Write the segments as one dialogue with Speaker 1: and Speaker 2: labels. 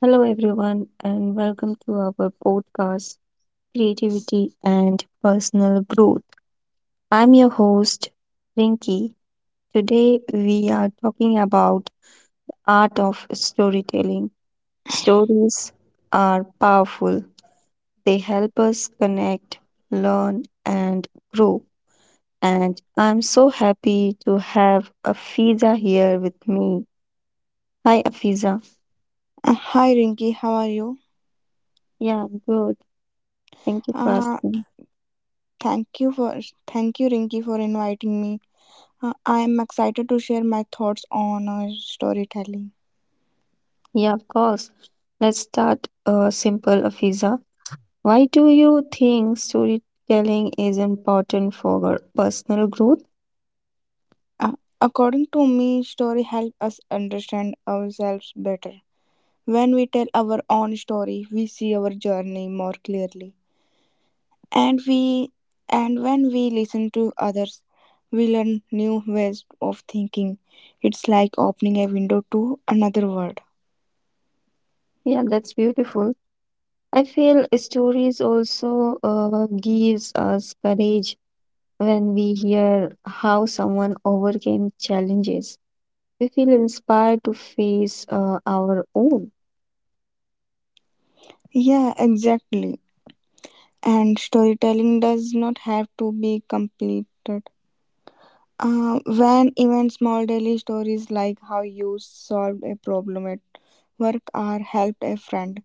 Speaker 1: Hello, everyone, and welcome to our podcast, Creativity and Personal Growth. I'm your host, Rinki. Today, we are talking about art of storytelling. Stories are powerful. They help us connect, learn, and grow. And I'm so happy to have Afiza here with me. Hi, Afiza.
Speaker 2: Hi Rinky, how are you?
Speaker 1: Yeah, good. Thank you for
Speaker 2: Uh,
Speaker 1: asking.
Speaker 2: thank you for Thank you Rinky for inviting me. I am excited to share my thoughts on storytelling.
Speaker 1: Yeah, of course. Let's start simple, Afiza. Why do you think storytelling is important for our personal growth?
Speaker 2: Uh, According to me, story help us understand ourselves better. When we tell our own story, we see our journey more clearly, and we and when we listen to others, we learn new ways of thinking. It's like opening a window to another world.
Speaker 1: Yeah, that's beautiful. I feel stories also gives us courage when we hear how someone overcame challenges. We feel inspired to face our own.
Speaker 2: Yeah, exactly. And storytelling does not have to be completed. When even small daily stories like how you solved a problem at work or helped a friend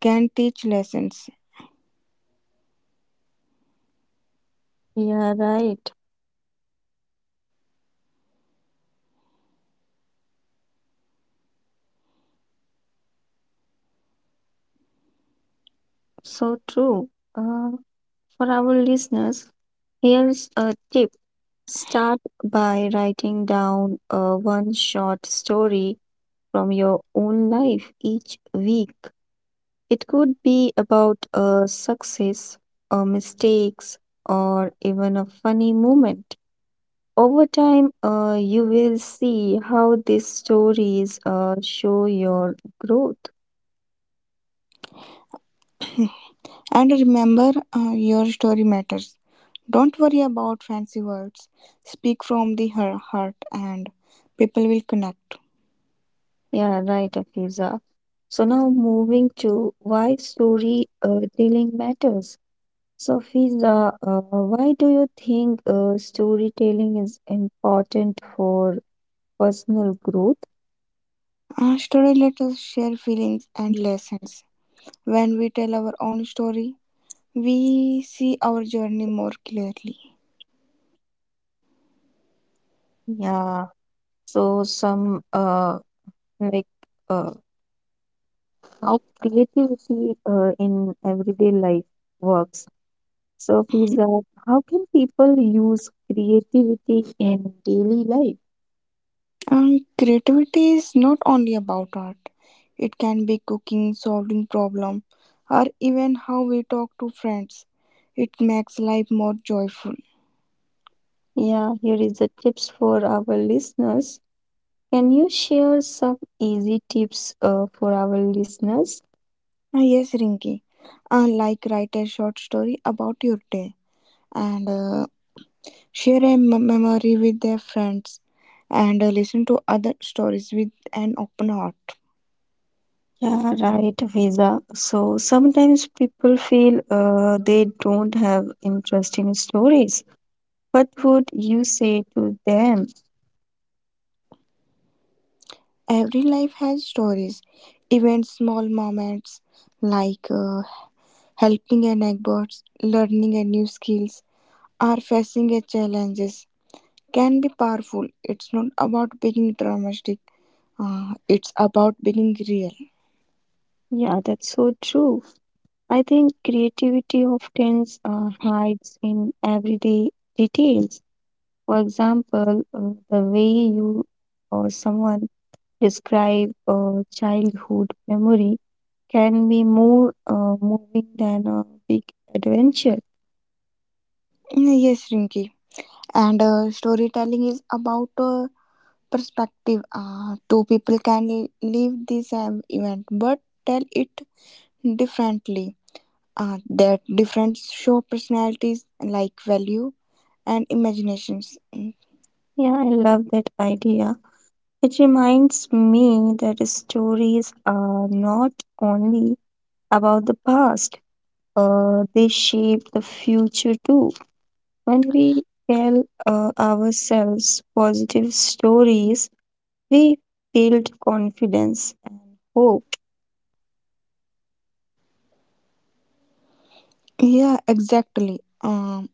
Speaker 2: can teach lessons.
Speaker 1: Yeah, right. So true. Uh, For our listeners, here's a tip. Start by writing down a one short story from your own life each week. It could be about a success, or mistakes, or even a funny moment. Over time, you will see how these stories show your growth.
Speaker 2: And remember, your story matters. Don't worry about fancy words. Speak from the heart, and people will connect.
Speaker 1: Yeah, right, Afiza. So now moving to why story telling matters. So, Fiza, why do you think storytelling is important for personal growth?
Speaker 2: Our story let us share feelings and lessons. When we tell our own story, we see our journey more clearly.
Speaker 1: Yeah. So, some like uh, how creativity in everyday life works. So, Fiza, how can people use creativity in daily life?
Speaker 2: And creativity is not only about art. It can be cooking, solving problem, or even how we talk to friends. It makes life more joyful.
Speaker 1: Yeah, here is the tips for our listeners. Can you share some easy tips for our listeners?
Speaker 2: Yes, Rinki. I like write a short story about your day and share a memory with their friends and listen to other stories with an open heart.
Speaker 1: Yeah, right, Visa. So sometimes people feel they don't have interesting stories. What would you say to them?
Speaker 2: Every life has stories, even small moments like helping an abbot learning a new skills, or facing a challenges can be powerful. It's not about being dramatic. It's about being real.
Speaker 1: Yeah, that's so true. I think creativity often hides in everyday details. For example, the way you or someone describe a childhood memory can be more moving than a big adventure.
Speaker 2: Mm. Yes, Rinky. And storytelling is about perspective. Two people can live the same event but tell it differently. That difference show personalities like value and imaginations. Hmm.
Speaker 1: Yeah, I love that idea. It reminds me that stories are not only about the past, they shape the future too. When we tell ourselves positive stories, we build confidence and hope.
Speaker 2: Yeah, exactly.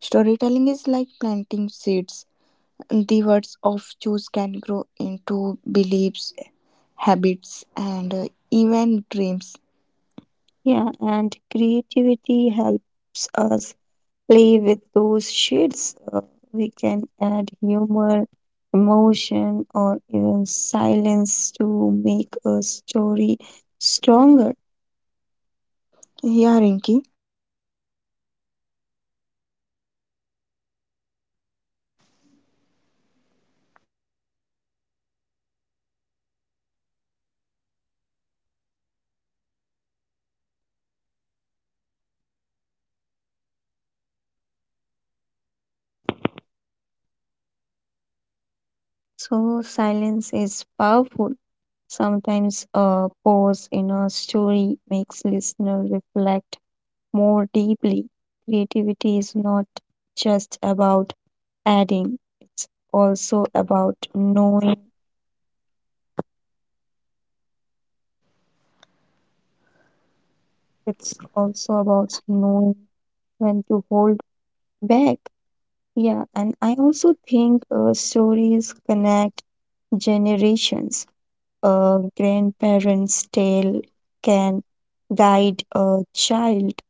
Speaker 2: Storytelling is like planting seeds. The words of choose can grow into beliefs, habits, and even dreams.
Speaker 1: Yeah, and creativity helps us play with those shades. We can add humor, emotion, or even silence to make a story stronger.
Speaker 2: Yeah, Rinki.
Speaker 1: So, silence is powerful. Sometimes a pause in a story makes listener reflect more deeply. Creativity is not just about adding, it's also about knowing. It's also about knowing when to hold back. Yeah, and I also think stories connect generations. A grandparent's tale can guide a child,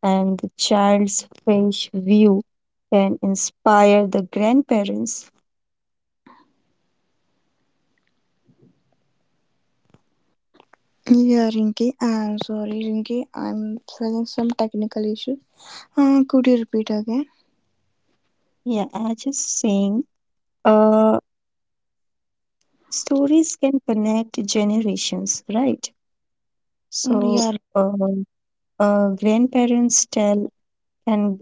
Speaker 1: and the child's fresh view can inspire the grandparents.
Speaker 2: Yeah, Rinky, I'm sorry, Rinky. I'm feeling some technical issues. Could you repeat again?
Speaker 1: Yeah, I just saying, uh, stories can connect generations, right?
Speaker 2: Mm, yeah,
Speaker 1: So, grandparents tell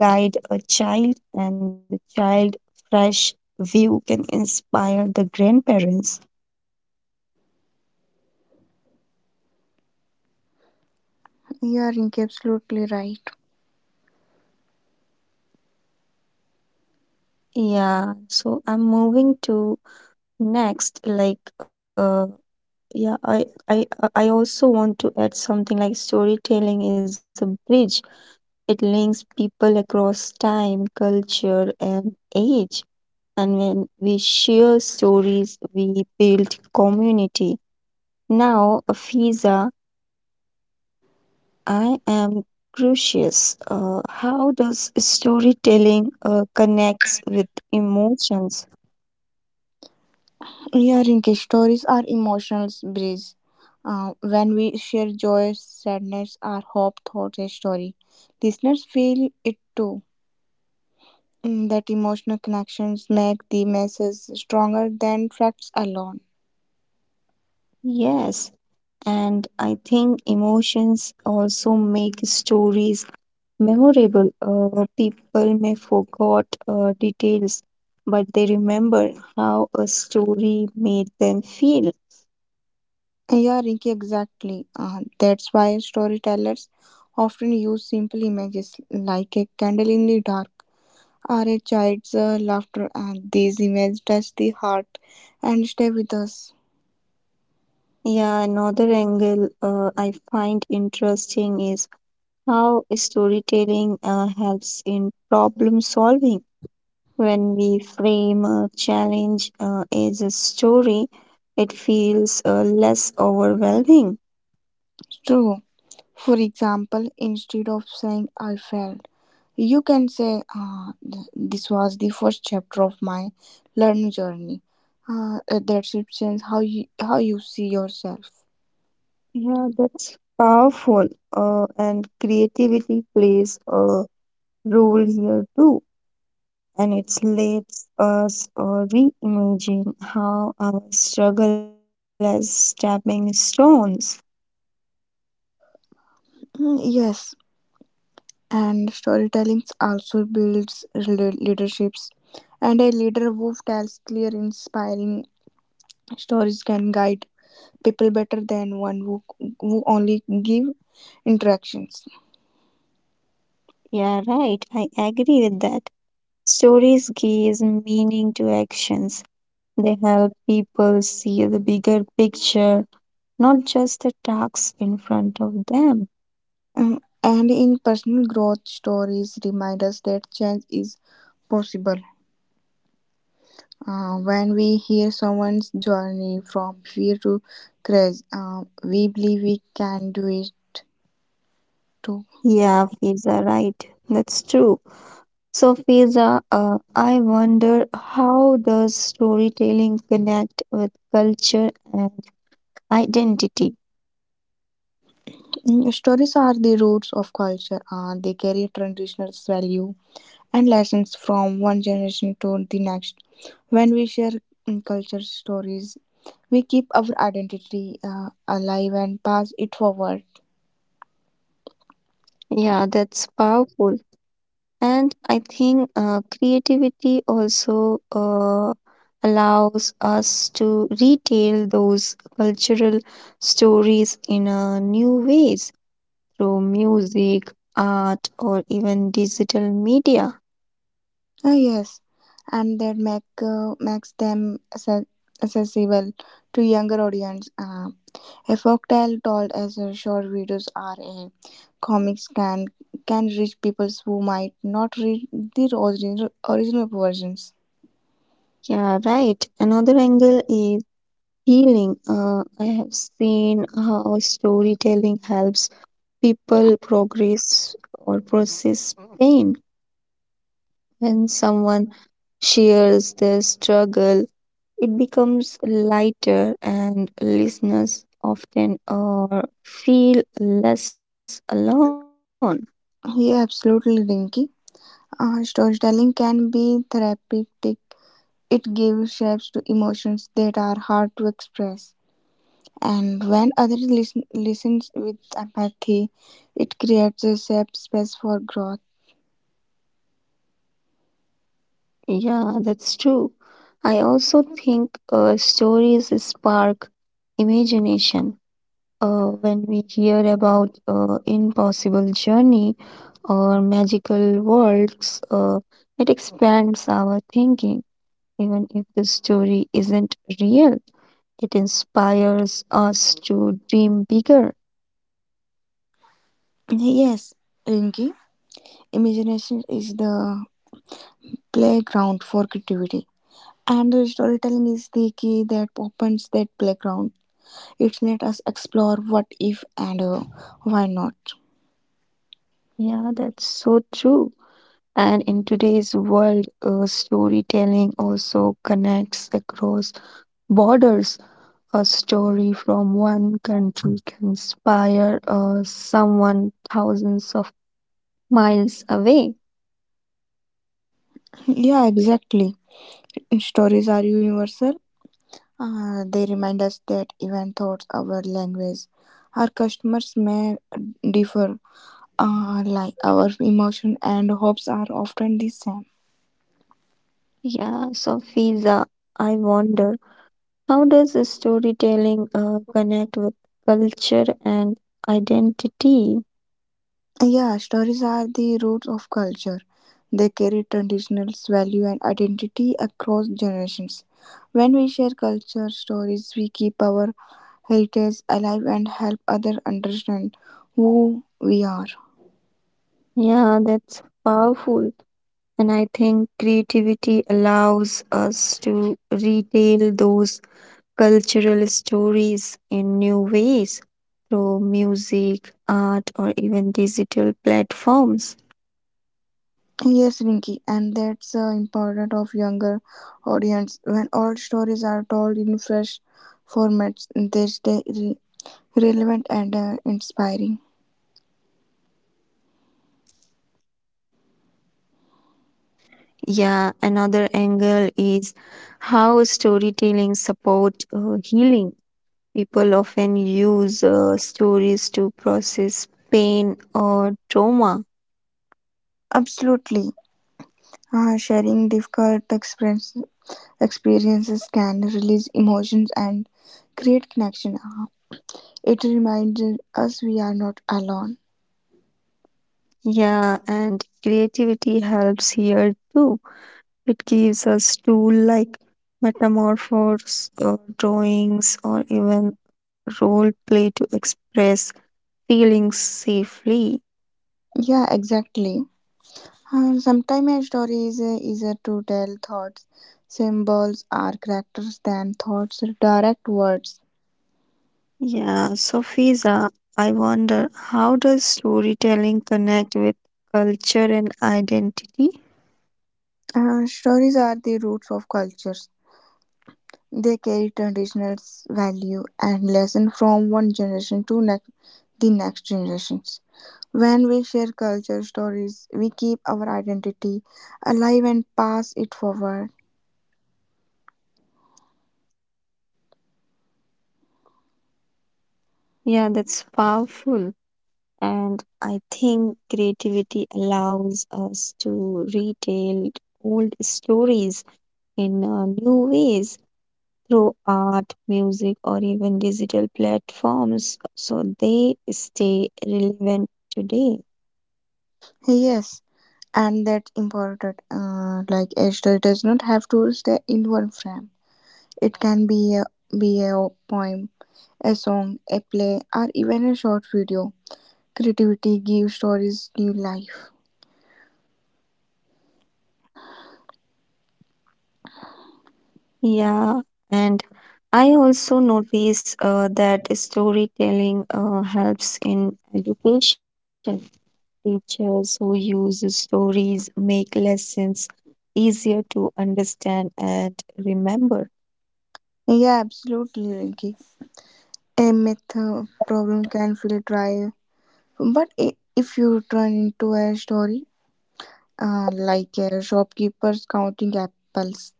Speaker 1: can guide a child, and the child fresh view can inspire the grandparents.
Speaker 2: yeah, Rinky, absolutely right.
Speaker 1: Yeah, so I'm moving to next. Like, yeah, I also want to add something like storytelling is a bridge. It links people across time, culture, and age. And when we share stories, we build community. Now, a visa I am curious. How does storytelling connects with emotions?
Speaker 2: Yeah, Rinky, stories are emotional breeze. When we share joy, sadness, our hope, thoughts, a story, listeners feel it too. Mm. That emotional connections make the message stronger than facts alone.
Speaker 1: Yes, and I think emotions also make stories memorable. People may forget details, but they remember how a story made them feel.
Speaker 2: Yeah, Rinki, exactly. That's why storytellers often use simple images like a candle in the dark or a child's laughter. And these images touch the heart and stay with us.
Speaker 1: Yeah, another angle I find interesting is how storytelling helps in problem solving. When we frame a challenge as a story, it feels less overwhelming.
Speaker 2: True. For example, instead of saying I failed, you can say this was the first chapter of my learning journey. That should change how you see yourself.
Speaker 1: Yeah, that's powerful. And creativity plays a role here too. And it lets us reimagine how our struggle as stepping stones.
Speaker 2: Mm, yes, and storytelling also builds leaderships and a leader who tells clear inspiring stories can guide people better than who only give interactions.
Speaker 1: Yeah, right. I agree with that. Stories give meaning to actions. They help people see the bigger picture, not just the tasks in front of them.
Speaker 2: And in personal growth stories remind us that change is possible. When we hear someone's journey from fear to courage, we believe we can do it too.
Speaker 1: Yeah, Fiza, right. That's true. So, Fiza, I wonder how does storytelling connect with culture and identity?
Speaker 2: Mm. Stories are the roots of culture, and they carry traditional value and lessons from one generation to the next. When we share culture stories, we keep our identity alive and pass it forward.
Speaker 1: Yeah, that's powerful. And I think creativity also allows us to retell those cultural stories in new ways, through music, art, or even digital media.
Speaker 2: Yes, and that makes them accessible to younger audience. A folktale told as a short videos or a comics can reach people who might not read the original versions.
Speaker 1: Yeah, right. Another angle is healing. I have seen how storytelling helps people progress or process pain. When someone shares their struggle, it becomes lighter, and listeners often feel less alone.
Speaker 2: Yeah, absolutely, Rinky. Storytelling can be therapeutic. It gives shapes to emotions that are hard to express, and when others listens with empathy, it creates a safe space for growth.
Speaker 1: Yeah, that's true. I also think stories spark imagination. When we hear about impossible journey or magical worlds, it expands our thinking. Even if the story isn't real, it inspires us to dream bigger.
Speaker 2: Yes, Rinky. Imagination is the playground for creativity. And the storytelling is the key that opens that playground. It lets us explore what if and why not.
Speaker 1: Yeah, that's so true. And in today's world, storytelling also connects across borders. A story from one country can inspire someone thousands of miles away.
Speaker 2: Yeah, exactly. Stories are universal. They remind us that even thoughts, our language, our customers may differ. Like our emotion and hopes are often the same.
Speaker 1: Yeah, so Fiza, I wonder how does the storytelling connect with culture and identity?
Speaker 2: Yeah, stories are the roots of culture. They carry traditions, value, and identity across generations. When we share culture stories, we keep our heritage alive and help others understand who we are.
Speaker 1: Yeah, that's powerful. And I think creativity allows us to retell those cultural stories in new ways through music, art, or even digital platforms.
Speaker 2: Yes, Rinki, and that's important of younger audience. When old stories are told in fresh formats, they stay relevant and inspiring.
Speaker 1: Yeah, another angle is how storytelling support healing. People often use stories to process pain or trauma.
Speaker 2: Absolutely, sharing difficult experiences can release emotions and create connection. It reminds us we are not alone.
Speaker 1: Yeah, and creativity helps here too. It gives us tools like metamorphose or drawings or even role play to express feelings safely.
Speaker 2: Yeah, exactly. Sometimes story is easier to tell thoughts. Symbols are characters than thoughts direct words.
Speaker 1: Yeah, so Fiza, I wonder how does storytelling connect with culture and identity?
Speaker 2: Stories are the roots of cultures. They carry traditional value and lesson from one generation to next, the next generations. When we share culture stories, we keep our identity alive and pass it forward.
Speaker 1: Yeah, that's powerful. And I think creativity allows us to retell old stories in new ways through art, music, or even digital platforms so they stay relevant today.
Speaker 2: Yes, and that's important. Like a story does not have to stay in one frame. It can be be a poem, a song, a play, or even a short video. Creativity gives stories new life.
Speaker 1: Yeah, and I also notice that storytelling helps in education. Teachers who use stories make lessons easier to understand and remember.
Speaker 2: Yeah, absolutely, Rinki. A myth problem can feel dry, but if you turn into a story, like shopkeepers counting apples.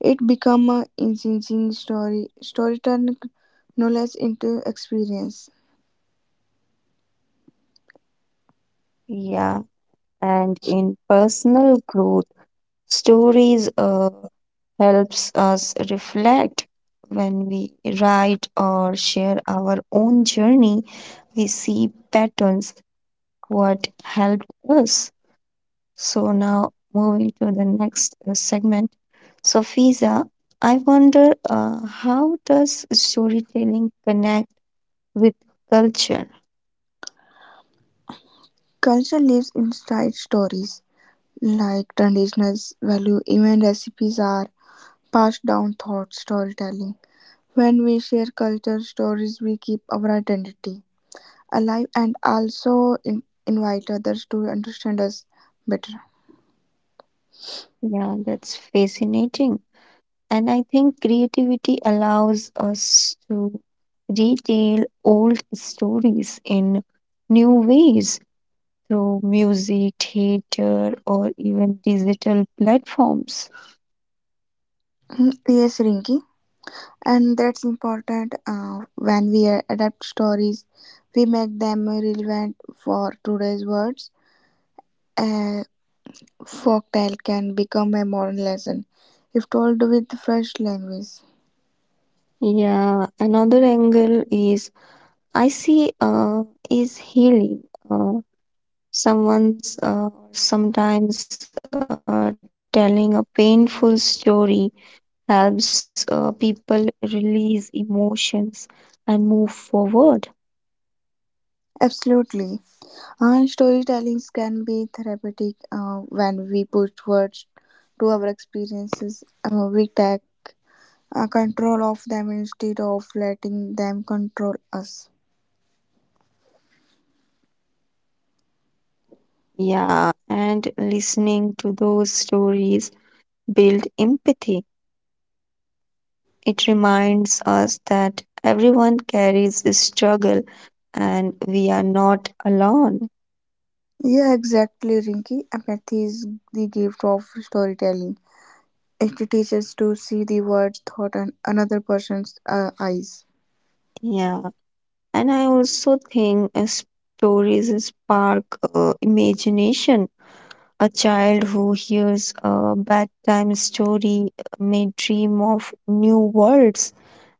Speaker 2: It become a engaging story. Story turn knowledge into experience.
Speaker 1: Yeah, and in personal growth, stories helps us reflect. When we write or share our own journey, we see patterns what helped us. So now moving to the next segment. So Fiza, I wonder how does storytelling connect with culture?
Speaker 2: Culture lives inside stories, like traditional value, even recipes are passed down through storytelling. When we share culture stories, we keep our identity alive and also invite others to understand us better.
Speaker 1: Yeah, that's fascinating. And I think creativity allows us to retell old stories in new ways through music, theater, or even digital platforms.
Speaker 2: Hmm, Yes, Rinki. And that's important when we adapt stories, we make them relevant for today's words. A folktale can become a modern lesson if told with fresh language.
Speaker 1: Yeah, another angle is I see is healing. Uh, someone's sometimes telling a painful story helps people release emotions and move forward.
Speaker 2: Absolutely, and storytelling can be therapeutic. When we put words to our experiences, we take control of them instead of letting them control us.
Speaker 1: Yeah, and listening to those stories build empathy. It reminds us that everyone carries a struggle and we are not alone.
Speaker 2: Yeah, exactly, Rinky. Empathy is the gift of storytelling. It teaches to see the words, thought, and another person's eyes.
Speaker 1: Yeah, and I also think stories spark imagination. A child who hears a bedtime story may dream of new worlds,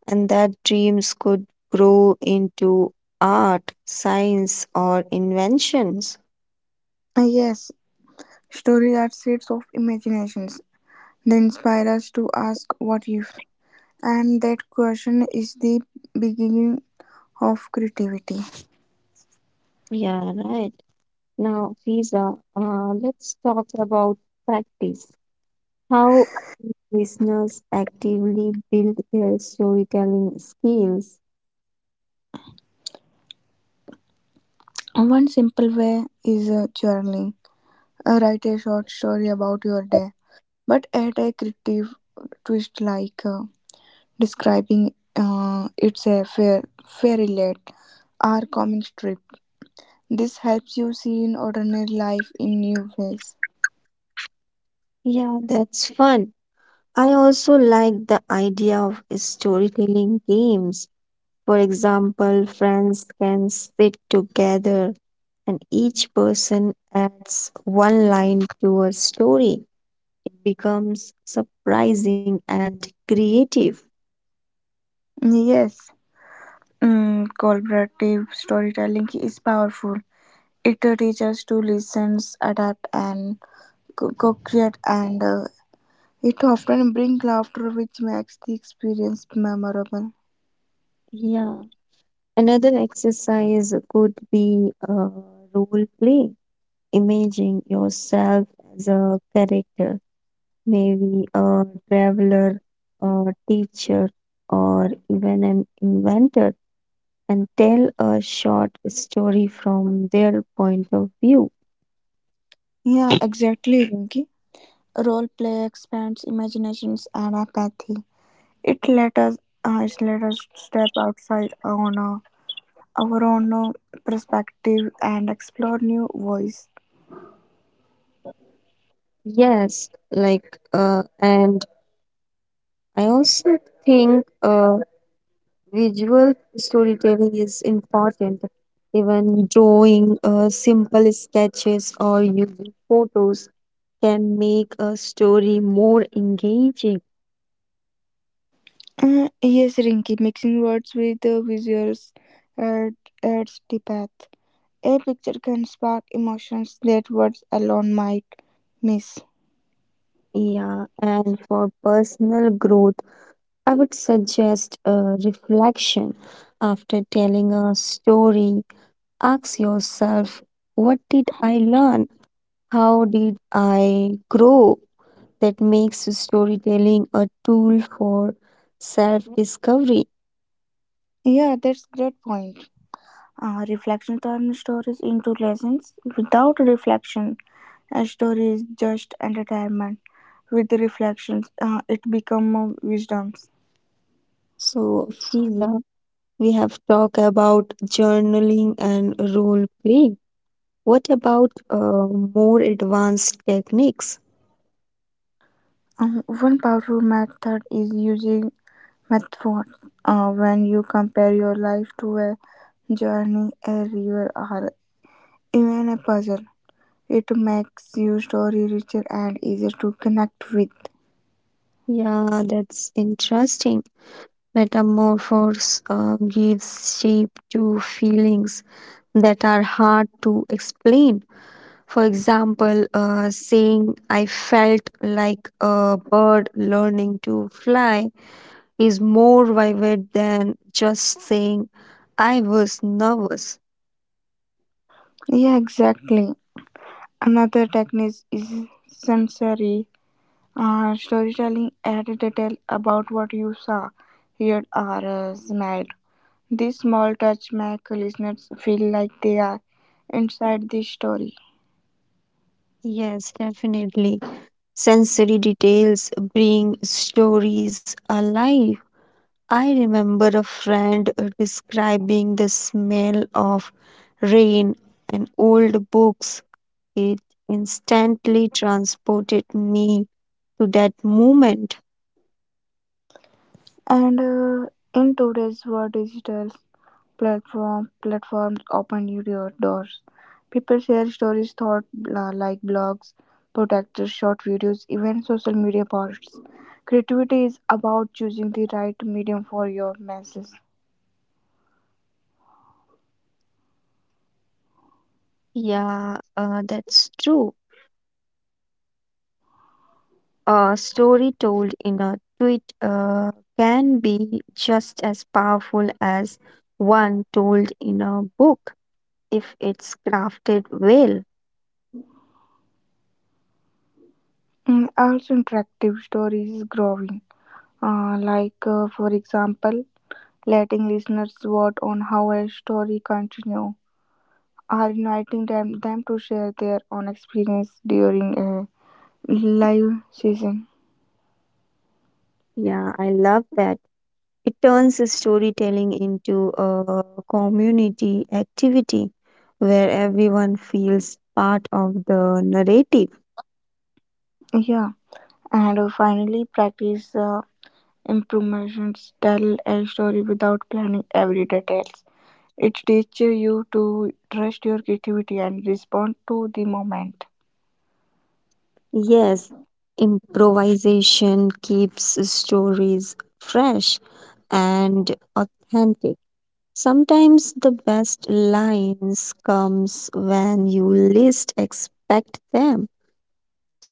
Speaker 1: and that dreams could grow into art, science, or inventions.
Speaker 2: Yes, stories are seeds of imaginations. They inspire us to ask what if, and that question is the beginning of creativity.
Speaker 1: Yeah, right. Now, Fiza, let's talk about practice. How listeners actively build their storytelling skills.
Speaker 2: One simple way is journaling. Write a short story about your day, but add a creative twist like. Describing it's a fairy led or comic strip. This helps you see in ordinary life in new ways.
Speaker 1: Yeah, that's fun. I also like the idea of storytelling games. For example, friends can sit together and each person adds one line to a story, becomes surprising and creative.
Speaker 2: Yes, collaborative storytelling is powerful. It teaches to listen, adapt, and co create, and it often brings laughter, which makes the experience memorable.
Speaker 1: Yeah, another exercise could be a role play. Imagine yourself as a character, maybe a traveler, a teacher, or even an inventor, and tell a short story from their point of view.
Speaker 2: Yeah, exactly, Rinki. Role play expands imaginations and empathy. It let us it let us step outside on our own perspective and explore new voice.
Speaker 1: Yes, like uh, and I also think visual storytelling is important. Even drawing simple sketches or using photos can make a story more engaging.
Speaker 2: Yes, Rinky, mixing words with visuals add, adds depth. A picture can spark emotions that words alone might miss.
Speaker 1: Yeah, and for personal growth, I would suggest reflection. After telling a story, ask yourself, what did I learn? How did I grow? That makes storytelling a tool for self discovery.
Speaker 2: Yeah, that's great point. Reflection turns stories into lessons. Without reflection, a story is just entertainment. With the reflections, it becomes wisdoms.
Speaker 1: So, Fiza, we have talked about journaling and role play. What about more advanced techniques?
Speaker 2: One powerful method is using metaphors. When you compare your life to a journey, a river, or even a puzzle, it makes your story richer and easier to connect with.
Speaker 1: Yeah, that's interesting. Metamorphose gives shape to feelings that are hard to explain. For example, saying, I felt like a bird learning to fly, is more vivid than just saying, I was nervous.
Speaker 2: Yeah, exactly. Another technique is sensory storytelling. Add detail about what you saw, heard, or smelled. These small touch make listeners feel like they are inside the story.
Speaker 1: Yes, definitely. Sensory details bring stories alive. I remember a friend describing the smell of rain and old books. It instantly transported me to that moment.
Speaker 2: And in today's world, digital platforms open new doors. People share stories, thought like blogs, protectors, short videos, even social media posts. Creativity is about choosing the right medium for your message.
Speaker 1: Yeah, that's true. A story told in a tweet can be just as powerful as one told in a book if it's crafted well.
Speaker 2: Mm, also, interactive stories is growing. Like, for example, letting listeners vote on how a story continue, or inviting them to share their own experience during a live season.
Speaker 1: Yeah, I love that. It turns the storytelling into a community activity where everyone feels part of the narrative.
Speaker 2: Yeah, and finally practice improvements. Tell a story without planning every details. It teaches you to trust your creativity and respond to the moment.
Speaker 1: Yes, improvisation keeps stories fresh and authentic. Sometimes the best lines comes when you least expect them.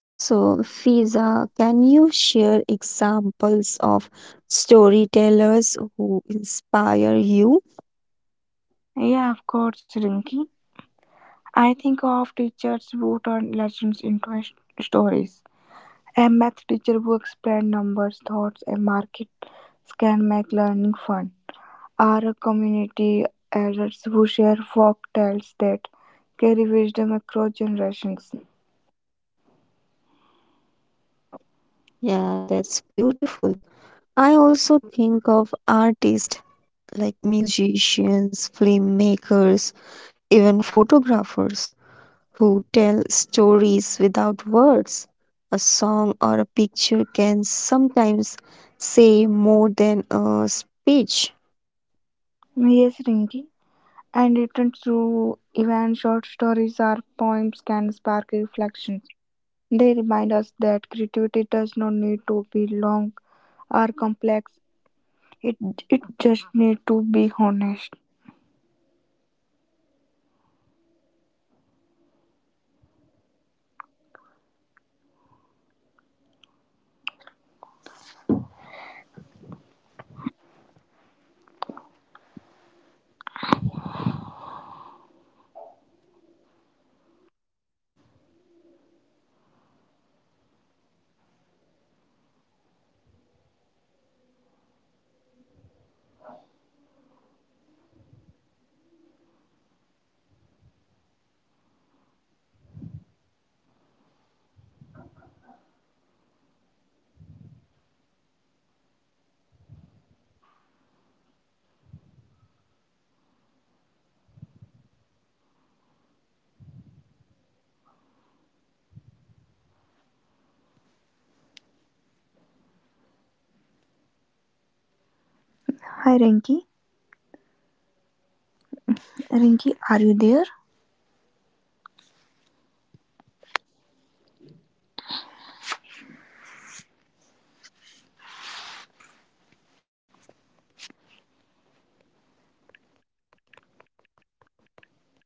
Speaker 1: So, Fiza, can you share examples of storytellers who inspire you?
Speaker 2: Yeah, of course, Rinky. I think of teachers who turn lessons into stories. A math teacher who explains numbers, thoughts, and markets can make learning fun. Are a community elders who share folk tales that carry wisdom across generations.
Speaker 1: Yeah, that's beautiful. I also think of artists like musicians, filmmakers, even photographers who tell stories without words. A song or a picture can sometimes say more than a speech.
Speaker 2: Yes, Rinki. And written through even short stories or poems can spark reflections. They remind us that creativity does not need to be long or complex. It it just need to be honest.
Speaker 1: Yeah, I like that. And storytelling isn't limited to art. Entrepreneurs use stories to explain their vision. Athletes share stories of discipline and struggles. This inspires people in different ways. So, storytelling is everywhere. A doctor telling a patient's recovery journey, or parents sharing bedtime stories. Each one shape how we
Speaker 2: Hi
Speaker 1: see
Speaker 2: Rinki.
Speaker 1: the world. And
Speaker 2: Rinki, are you
Speaker 1: when we
Speaker 2: there?
Speaker 1: listen to diverse storytellers, we expand our own creativity. We learn new styles, new rhythm, and new ways of expressing oneself.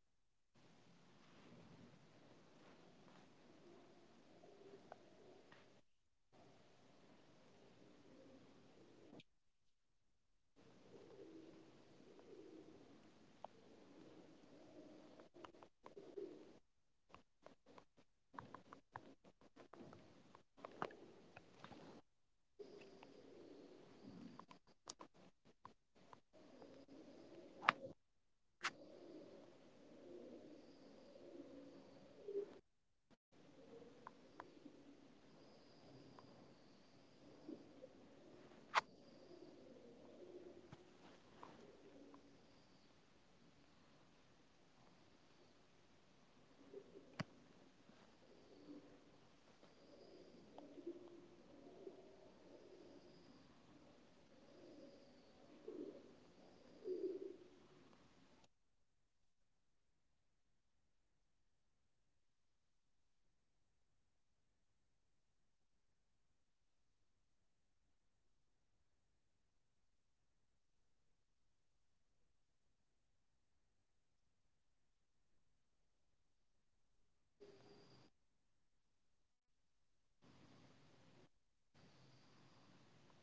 Speaker 1: So, this has been such a meaningful conversation. We have explored creativity, personal growth, and the art of storytelling from so many angles. And I truly believe everyone has a story worth sharing. And when we tell our stories, we grow and help others uh, grow too. To our listeners, remember your voice matters. Your story can inspire, heal, and connect. Keep creating, keep sharing, and keep growing. And never be afraid to start small. Even one sentence can be the beginning of a powerful story. So, thank you, Afiza, and thank you to everyone listening. This was creativity and personal growth, the art of storytelling. Until next episode or next time, keep telling your stories. I'm your host, signing off for today. Bye bye, everyone.